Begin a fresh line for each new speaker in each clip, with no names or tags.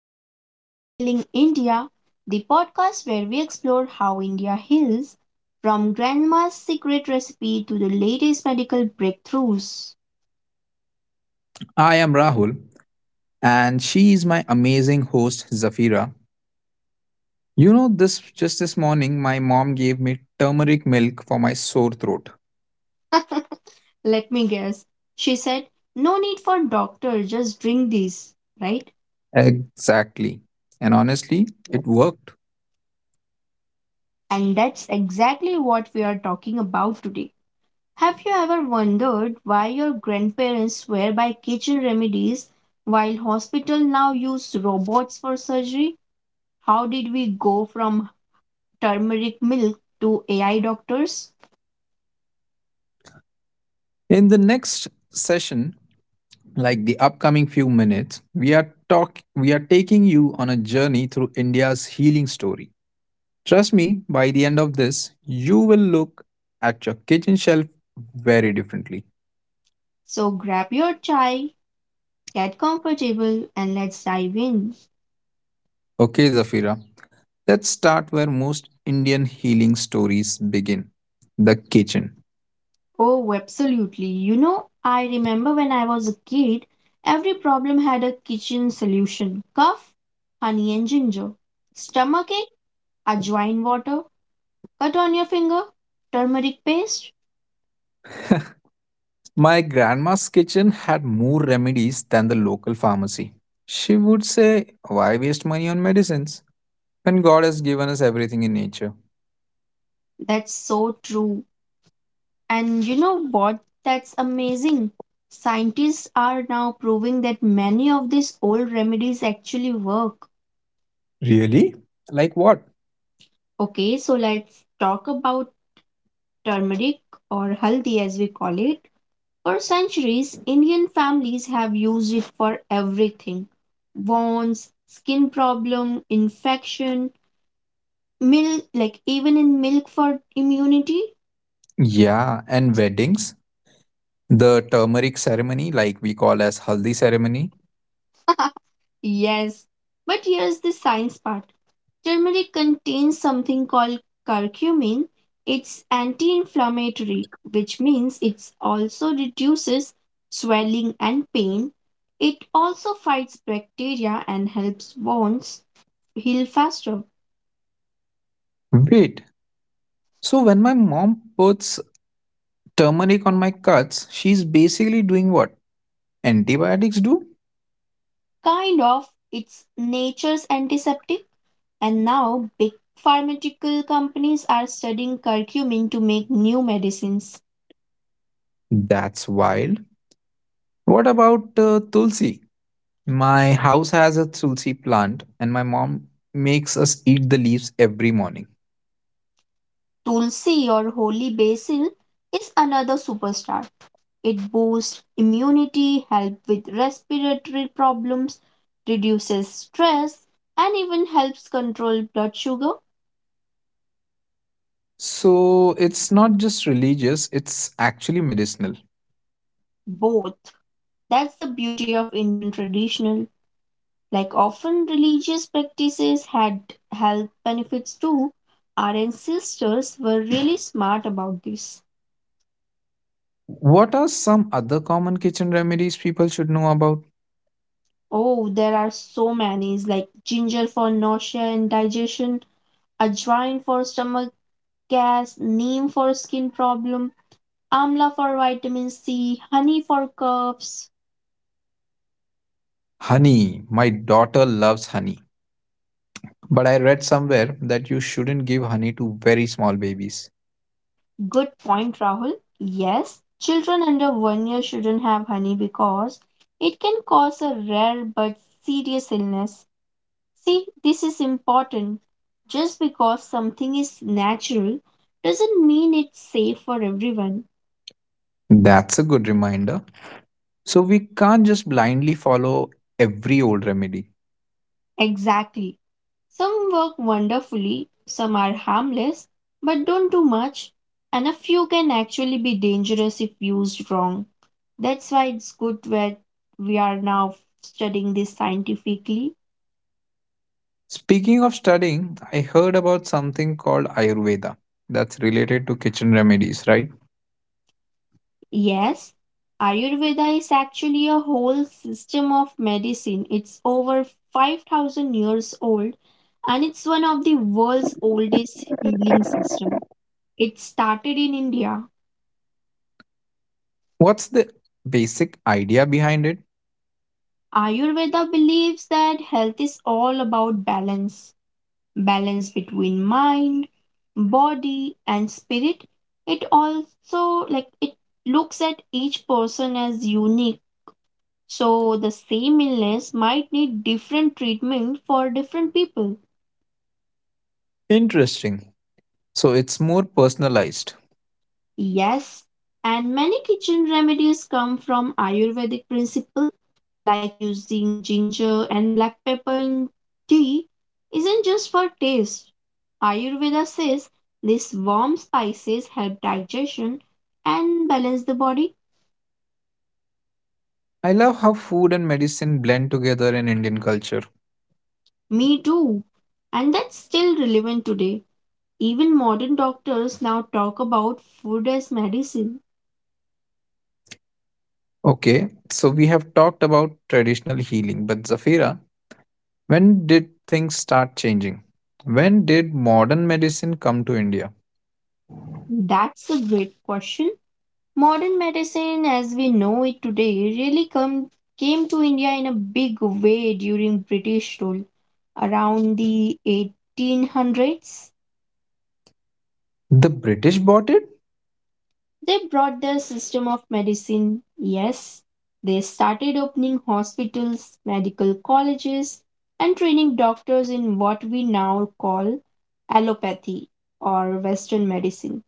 welcome to Healing India, the podcast where we explore how India heals from grandma's secret recipe to the latest medical breakthroughs.
I am Rahul, and she is my amazing host, Zafira. You know, this just this morning, my mom gave me turmeric milk for my sore throat.
Let me guess, she said, no need for doctor, just drink this, right?
Exactly. And honestly, it worked.
And that's exactly what we are talking about today. Have you ever wondered why your grandparents swear by kitchen remedies while hospital now use robots for surgery? How did we go from turmeric milk to AI doctors.
In the next session, like the upcoming few minutes, we are taking you on a journey through India's healing story. Trust me, by the end of this, you will look at your kitchen shelf very differently.
So grab your chai, get comfortable, and let's dive in.
Okay, Zafira. Let's start where most Indian healing stories begin the kitchen.
Oh, absolutely. You know, I remember when I was a kid, every problem had a kitchen solution, cough, honey and ginger, stomachache, ajwain water, cut on your finger, turmeric paste.
My grandma's kitchen had more remedies than the local pharmacy. She would say, why waste money on medicines when God has given us everything in nature?
That's so true. And you know what? That's amazing. Scientists are now proving that many of these old remedies actually work.
Really? Like what?
Okay, so let's talk about turmeric or haldi as we call it. For centuries, Indian families have used it for everything, wounds, skin problem, infection, milk, like even in milk for immunity.
Yeah, and weddings, the turmeric ceremony, like we call as haldi ceremony.
Yes, but here's the science part. Turmeric contains something called curcumin. It's anti inflammatory, which means it also reduces swelling and pain. It also fights bacteria and helps wounds heal faster.
Wait, so when my mom puts turmeric on my cuts, she's basically doing what antibiotics do?
Kind of, it's nature's antiseptic. And now, big pharmaceutical companies are studying curcumin to make new medicines.
That's wild. What about tulsi? My house has a tulsi plant, and my mom makes us eat the leaves every morning.
Tulsi or holy basil is another superstar. It boosts immunity, helps with respiratory problems, reduces stress, and even helps control blood sugar.
So it's not just religious, it's actually medicinal.
Both. That's the beauty of Indian traditional. Like often religious practices had health benefits too. Our ancestors were really smart about this.
What are some other common kitchen remedies people should know about?
Oh, there are so many like ginger for nausea and digestion, ajwain for stomach gas, neem for skin problem, Amla for vitamin C, honey for coughs.
Honey. My daughter loves honey. But I read somewhere that you shouldn't give honey to very small babies.
Good point, Rahul. Yes, children under one year shouldn't have honey because it can cause a rare but serious illness. See, this is important. Just because something is natural doesn't mean it's safe for everyone.
That's a good reminder. So we can't just blindly follow every old remedy.
Exactly. Some work wonderfully, some are harmless, but don't do much, and a few can actually be dangerous if used wrong. That's why it's good that we are now studying this scientifically.
Speaking of studying, I heard about something called Ayurveda that's related to kitchen remedies, right?
Yes, Ayurveda is actually a whole system of medicine. It's over 5,000 years old and it's one of the world's oldest healing system. It started in India.
What's the basic idea behind it?
Ayurveda believes that health is all about balance. Balance between mind, body, and spirit. It also, like, it looks at each person as unique. So the same illness might need different treatment for different people.
Interesting. So it's more personalized.
Yes, and many kitchen remedies come from Ayurvedic principle, like using ginger and black pepper in tea isn't just for taste. Ayurveda says these warm spices help digestion and balance the body.
I love how food and medicine blend together in Indian culture.
Me too. And that's still relevant today. Even modern doctors now talk about food as medicine.
Okay, so we have talked about traditional healing, but Zafira, when did things start changing? When did modern medicine come to India?
That's a great question. Modern medicine, as we know it today, really came to India in a big way during British rule. Around the 1800s,
The British bought it?
they brought their system of medicine. Yes, they started opening hospitals, medical colleges, and training doctors in what we now call allopathy or Western medicine.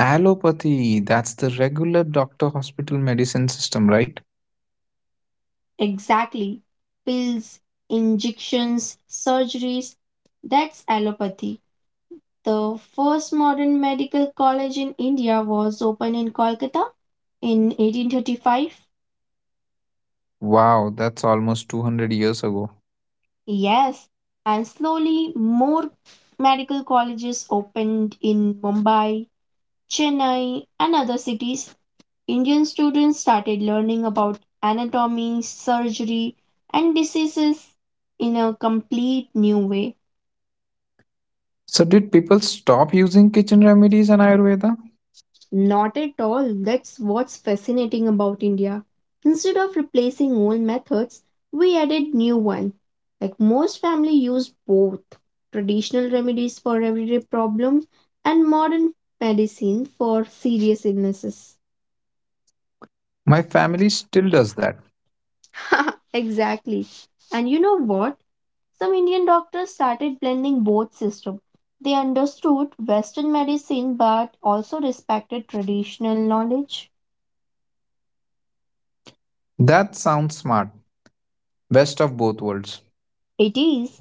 Allopathy, that's the regular doctor hospital medicine system, right?
Exactly. Pills, injections, surgeries. That's allopathy. The first modern medical college in India was opened in Kolkata in 1835.
Wow, that's almost 200 years ago.
Yes, and slowly more medical colleges opened in Mumbai, Chennai, and other cities. Indian students started learning about anatomy, surgery, and diseases in a complete new way.
So, did people stop using kitchen remedies and Ayurveda?
Not at all. That's what's fascinating about India. Instead of replacing old methods, we added new ones. Like most family use both traditional remedies for everyday problems and modern medicine for serious illnesses.
My family still does that.
Exactly. And you know what? Some Indian doctors started blending both systems. They understood Western medicine but also respected traditional knowledge.
That sounds smart. Best of both worlds.
It is.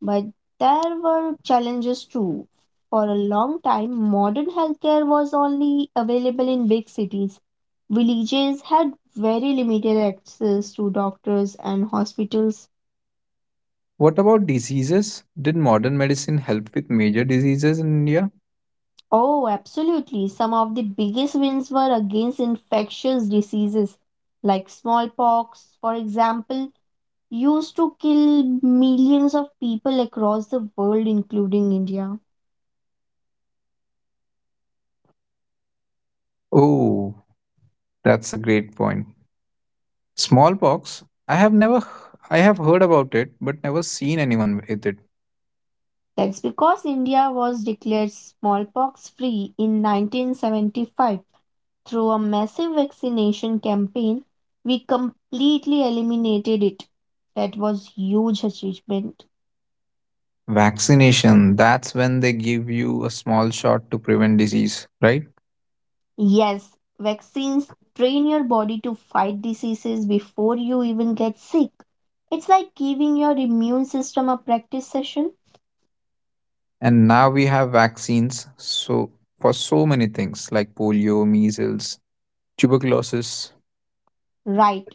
But there were challenges too. For a long time, modern healthcare was only available in big cities. Villages had very limited access to doctors and hospitals.
What about diseases? Did modern medicine help with major diseases in India?
Oh, absolutely. Some of the biggest wins were against infectious diseases like smallpox, for example, used to kill millions of people across the world, including India.
Oh, that's a great point. Smallpox, I have never I have heard about it but never seen anyone with it.
That's because India was declared smallpox free in 1975 through a massive vaccination campaign. We completely eliminated it. That was huge achievement.
Vaccination, that's when they give you a small shot to prevent disease, right?
Yes, vaccines train your body to fight diseases before you even get sick. It's like giving your immune system a practice session.
And now we have vaccines for so many things like polio, measles, tuberculosis.
Right.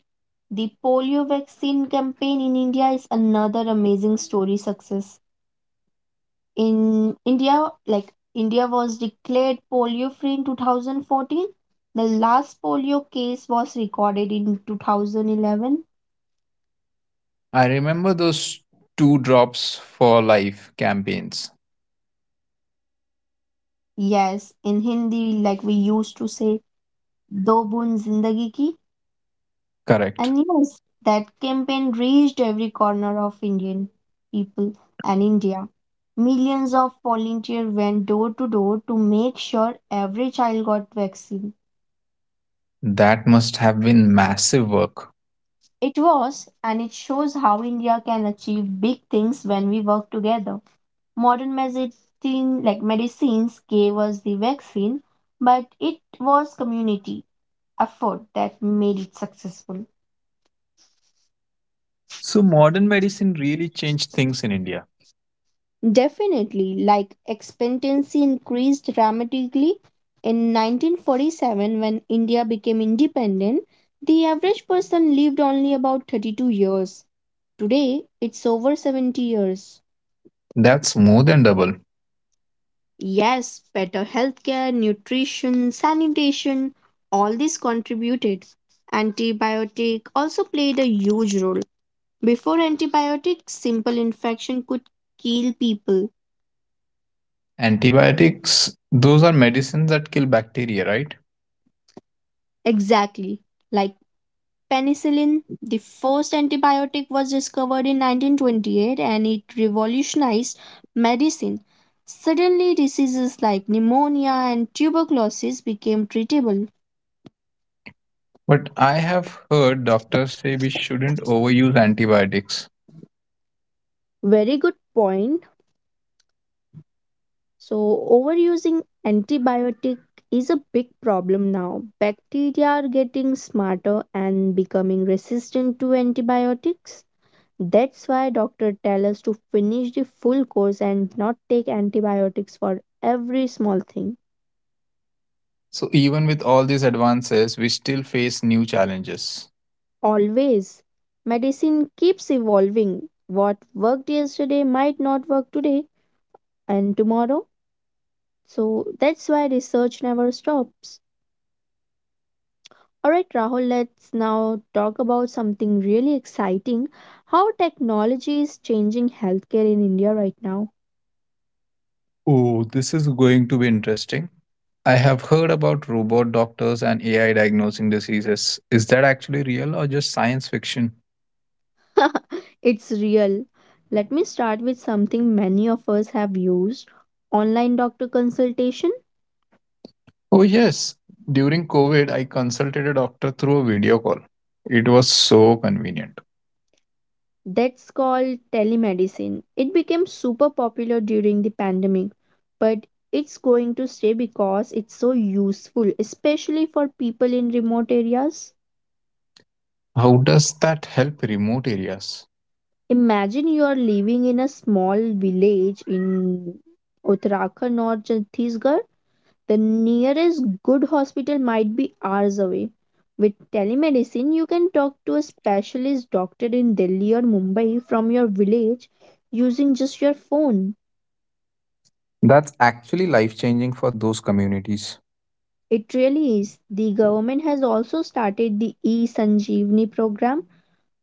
The polio vaccine campaign in India is another amazing story success. In India, like, India was declared polio free in 2014. The last polio case was recorded in 2011.
I remember those two drops for life campaigns.
Yes, in Hindi, like we used to say, do bun zindagi ki.
Correct.
And yes, that campaign reached every corner of Indian people and India. Millions of volunteers went door to door to make sure every child got vaccine.
That must have been massive work.
It was, and it shows how India can achieve big things when we work together. Modern medicine, like medicines, gave us the vaccine, but it was community effort that made it successful.
So modern medicine really changed things in India.
Definitely, like expectancy increased dramatically in 1947 when India became independent. The average person lived only about 32 years. Today, it's over 70 years.
That's more than double.
Yes, better healthcare, nutrition, sanitation, all this contributed. Antibiotic also played a huge role. Before antibiotics, simple infection could kill people.
Antibiotics, those are medicines that kill bacteria, right?
Exactly. Like penicillin, the first antibiotic was discovered in 1928 and it revolutionized medicine. Suddenly, diseases like pneumonia and tuberculosis became treatable.
But I have heard doctors say we shouldn't overuse antibiotics.
Very good point. So, overusing antibiotic is a big problem now. Bacteria are getting smarter and becoming resistant to antibiotics. That's why doctors tell us to finish the full course and not take antibiotics for every small thing.
So even with all these advances, we still face new challenges.
Always. Medicine keeps evolving. What worked yesterday might not work today and tomorrow. So that's why research never stops. Alright, Rahul, let's now talk about something really exciting, how technology is changing healthcare in India right now.
Oh, this is going to be interesting. I have heard about robot doctors and AI diagnosing diseases. Is that actually real or just science fiction?
It's real. Let me start with something many of us have used, online doctor consultation.
Oh, yes. During COVID, I consulted a doctor through a video call. It was so convenient.
That's called telemedicine. It became super popular during the pandemic, but it's going to stay because it's so useful, especially for people in remote areas.
How does that help remote areas?
Imagine you are living in a small village in Uttarakhand or Chhattisgarh. The nearest good hospital might be hours away. With telemedicine, you can talk to a specialist doctor in Delhi or Mumbai from your village using just your phone.
That's actually life changing for those communities.
It really is. The government has also started the e Sanjeevani program,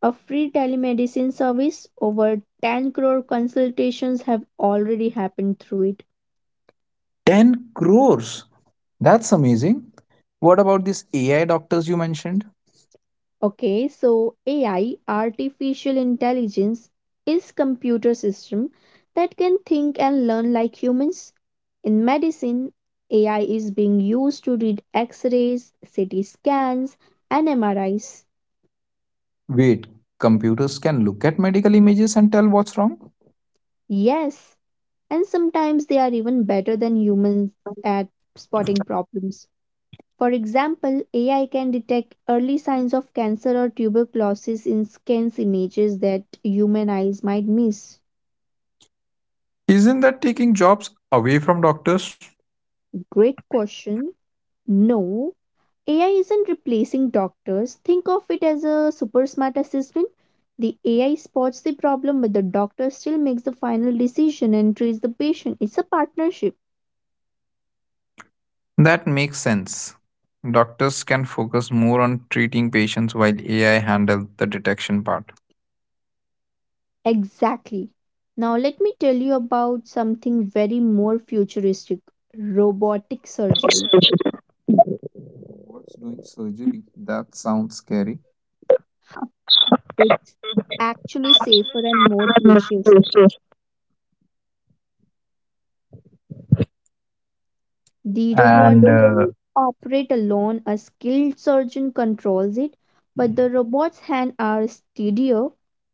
a free telemedicine service. Over 10 crore consultations have already happened through it.
10 crores. That's amazing. What about these AI doctors you mentioned?
Okay, so AI, artificial intelligence, is computer system that can think and learn like humans. In medicine, AI is being used to read X-rays, CT scans, and MRIs.
Wait, computers can look at medical images and tell what's wrong?
Yes, and sometimes they are even better than humans at spotting problems. For example, AI can detect early signs of cancer or tuberculosis in scans images that human eyes might miss.
Isn't that taking jobs away from doctors?
Great question. No, AI isn't replacing doctors. Think of it as a super smart assistant. The AI spots the problem, but the doctor still makes the final decision and treats the patient. It's a partnership.
That makes sense. Doctors can focus more on treating patients while AI handle the detection part.
Exactly. Now, let me tell you about something very more futuristic, robotic surgery.
What's doing surgery? That sounds scary.
It's actually safer and more precious. The
And
robot
uh,
doesn't operate alone, a skilled surgeon controls it, but the robot's hands are steadier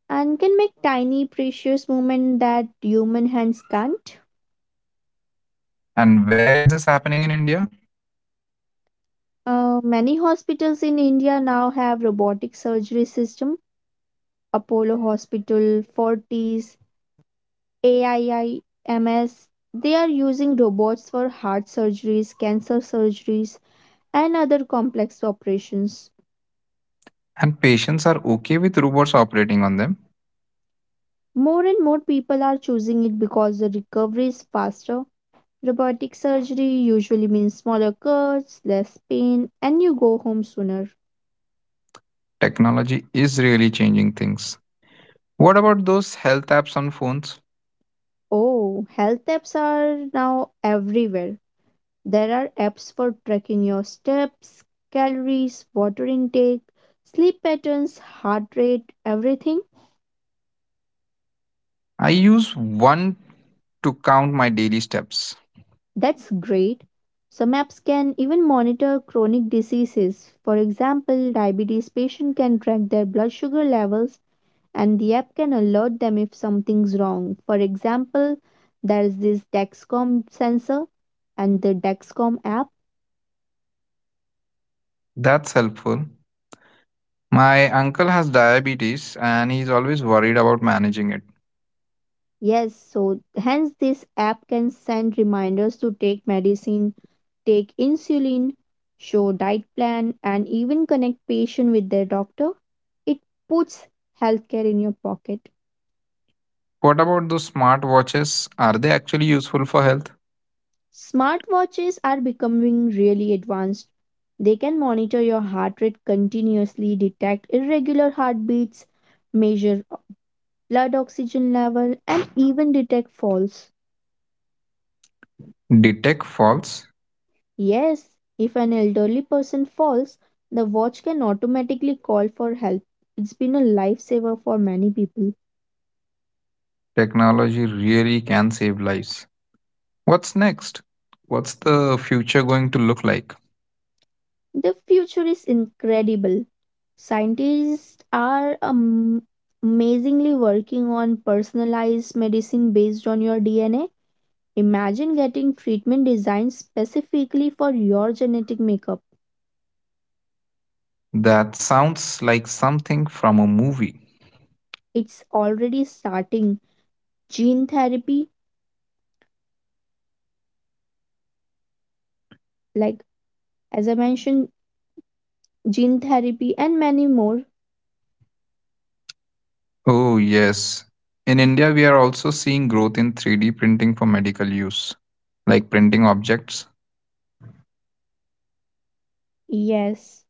and can make tiny precious movements that human hands can't.
and where is this happening in India?
Many hospitals in India now have robotic surgery system. Apollo Hospital, Fortis, AIIMS. They are using robots for heart surgeries, cancer surgeries, and other complex operations.
And patients are okay with robots operating on them.
More and more people are choosing it because the recovery is faster. Robotic surgery usually means smaller cuts, less pain, and you go home sooner.
Technology is really changing things. What about those health apps on phones?
Oh, health apps are now everywhere. There are apps for tracking your steps, calories, water intake, sleep patterns, heart rate, everything.
I use one to count my daily steps.
That's great. Some apps can even monitor chronic diseases. For example, diabetes patient can track their blood sugar levels and the app can alert them if something's wrong. For example, there's this Dexcom sensor and the Dexcom app.
That's helpful. My uncle has diabetes and he's always worried about managing it.
Yes, so hence this app can send reminders to take medicine, take insulin, show diet plan, and even connect patient with their doctor. It puts healthcare in your pocket.
What about those smart watches? Are they actually useful for health?
Smartwatches are becoming really advanced. They can monitor your heart rate continuously, detect irregular heartbeats, measure blood oxygen level, and even detect falls.
Detect faults.
Yes, if an elderly person falls, the watch can automatically call for help. It's been a lifesaver for many people.
Technology really can save lives. What's next? What's the future going to look like?
The future is incredible. Scientists are amazingly working on personalized medicine based on your DNA. Imagine getting treatment designed specifically for your genetic makeup.
That sounds like something from a movie.
It's already starting. Gene therapy, like, as I mentioned, gene therapy and many more.
Oh, yes. In India, we are also seeing growth in 3D printing for medical use, like printing objects.
Yes,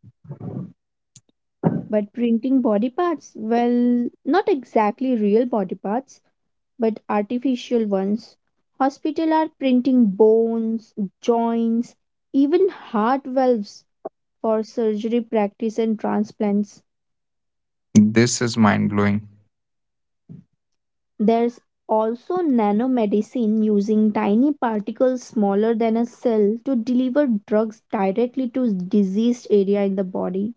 but printing body parts, well, not exactly real body parts, but artificial ones. Hospitals are printing bones, joints, even heart valves for surgery practice and transplants.
This is mind blowing.
There's also nanomedicine using tiny particles smaller than a cell to deliver drugs directly to diseased area in the body.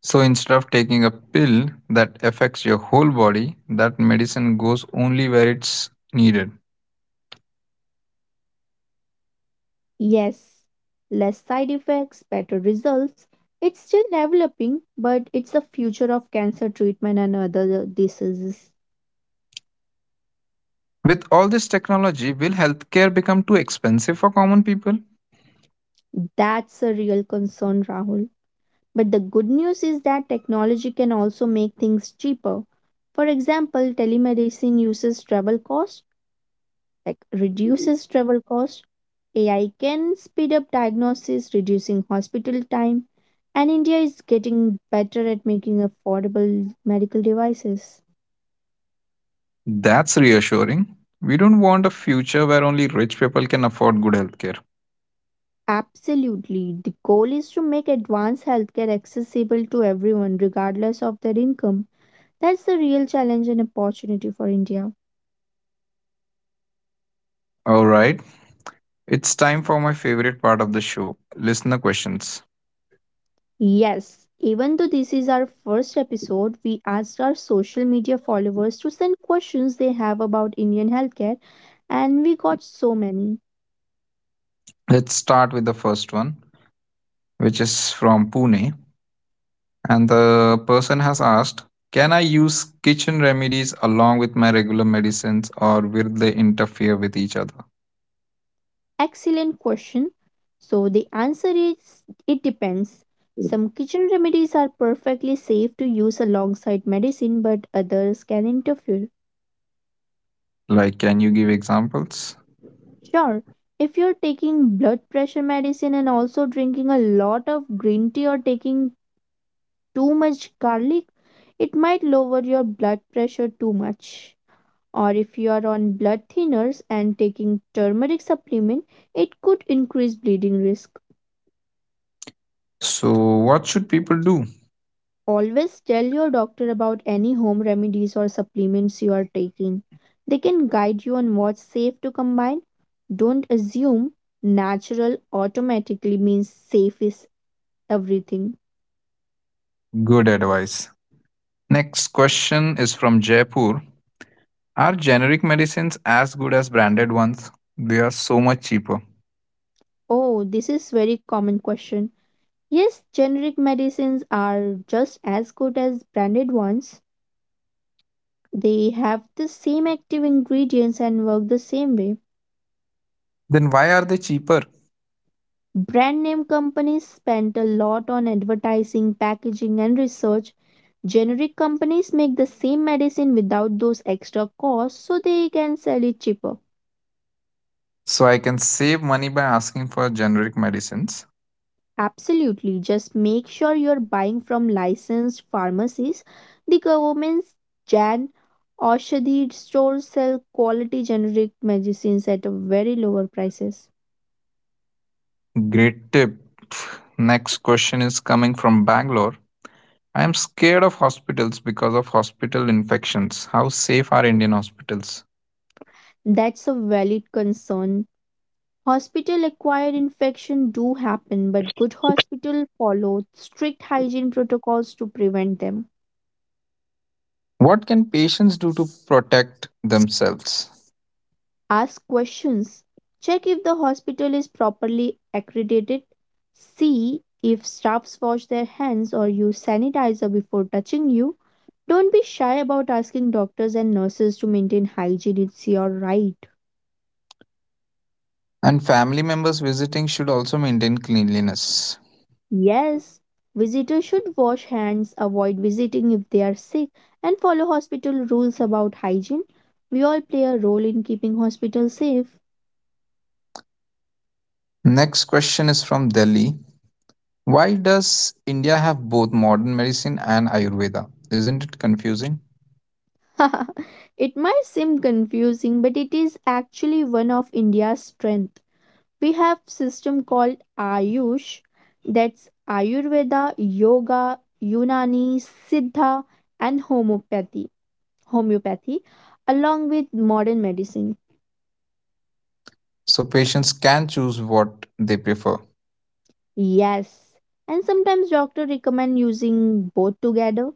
So instead of taking a pill that affects your whole body, that medicine goes only where it's needed.
Yes, less side effects, better results. It's still developing, but it's the future of cancer treatment and other diseases.
With all this technology, will healthcare become too expensive for common people?
That's a real concern, Rahul. But the good news is that technology can also make things cheaper. For example, telemedicine uses travel costs, like reduces travel cost. AI can speed up diagnosis, reducing hospital time, and India is getting better at making affordable medical devices.
That's reassuring. We don't want a future where only rich people can afford good healthcare.
Absolutely, the goal is to make advanced healthcare accessible to everyone regardless of their income. That's the real challenge and opportunity for India.
All right, it's time for my favorite part of the show listener questions.
Yes, even though this is our first episode, we asked our social media followers to send questions they have about Indian healthcare, and we got so many.
Let's start with the first one, which is from Pune. And the person has asked, can I use kitchen remedies along with my regular medicines or will they interfere with each other?
Excellent question. So, the answer is it depends. Some kitchen remedies are perfectly safe to use alongside medicine, but others can interfere.
Like, can you give examples?
Sure, if you're taking blood pressure medicine and also drinking a lot of green tea or taking too much garlic, it might lower your blood pressure too much. Or if you are on blood thinners and taking turmeric supplement, it could increase bleeding risk.
So, what should people do?
Always tell your doctor about any home remedies or supplements you are taking. They can guide you on what's safe to combine. Don't assume natural automatically means safe is everything.
Good advice. Next question is from Jaipur. Are generic medicines as good as branded ones? They are so much cheaper.
Oh, this is very common question. Yes, generic medicines are just as good as branded ones. They have the same active ingredients and work the same way.
Then why are they cheaper?
Brand name companies spend a lot on advertising, packaging, and research. Generic companies make the same medicine without those extra costs, so they can sell it cheaper.
So I can save money by asking for generic medicines.
Absolutely. Just make sure you're buying from licensed pharmacies. The government's Jan Oshadhi stores sell quality generic medicines at a very lower prices.
Great tip. Next question is coming from Bangalore. I am scared of hospitals because of hospital infections. How safe are Indian hospitals?
That's a valid concern. Hospital acquired infection do happen, but good hospital follow strict hygiene protocols to prevent them.
What can patients do to protect themselves?
Ask questions, check if the hospital is properly accredited, see if staffs wash their hands or use sanitizer before touching you. Don't be shy about asking doctors and nurses to maintain hygiene, it's your right.
And family members visiting should also maintain cleanliness.
Yes, visitors should wash hands, avoid visiting if they are sick, and follow hospital rules about hygiene. We all play a role in keeping hospitals safe.
Next question is from Delhi. Why does India have both modern medicine and Ayurveda? Isn't it confusing?
It might seem confusing, but it is actually one of India's strength. We have system called Ayush, that's Ayurveda, Yoga, Unani, Siddha, and homeopathy. Homeopathy, along with modern medicine.
So patients can choose what they prefer.
Yes, and sometimes doctors recommend using both together.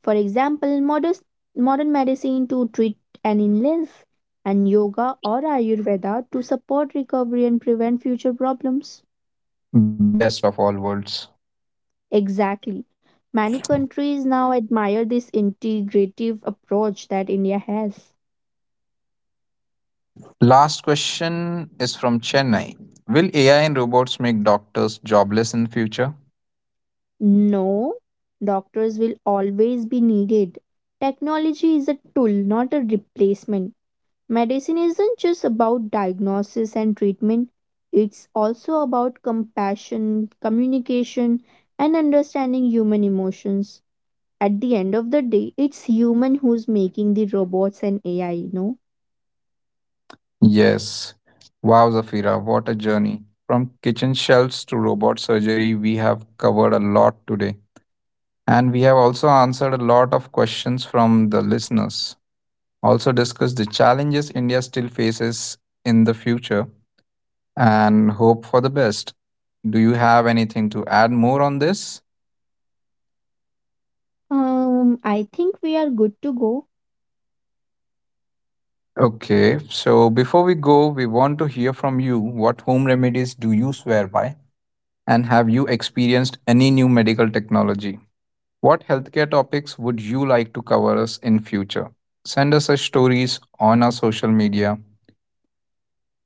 For example, modern medicine to treat an illness, and yoga or Ayurveda to support recovery and prevent future problems.
Best of all worlds.
Exactly. Many countries now admire this integrative approach that India has.
Last question is from Chennai. Will AI and robots make doctors jobless in future?
No, doctors will always be needed. Technology is a tool, not a replacement. Medicine isn't just about diagnosis and treatment, it's also about compassion, communication, and understanding human emotions. At the end of the day, it's human who's making the robots and AI, you know.
Yes. Wow, Zafira, what a journey. From kitchen shelves to robot surgery, we have covered a lot today. And we have also answered a lot of questions from the listeners. Also discussed the challenges India still faces in the future and hope for the best. Do you have anything to add more on this?
I think we are good to go.
Okay, so before we go, we want to hear from you. What home remedies do you swear by? And have you experienced any new medical technology? What healthcare topics would you like to cover us in future? Send us your stories on our social media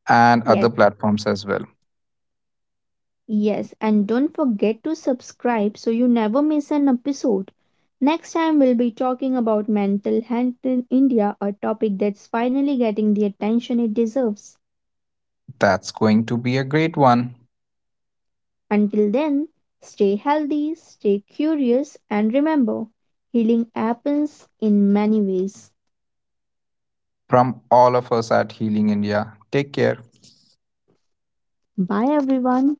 and other
Yes,
platforms as well.
yes, and don't forget to subscribe so you never miss an episode. Next time, we'll be talking about mental health in India, a topic that's finally getting the attention it deserves.
That's going to be a great one
Until then, stay healthy, stay curious, and remember, healing happens in many ways.
from all of us at Healing India. Take care.
Bye, everyone.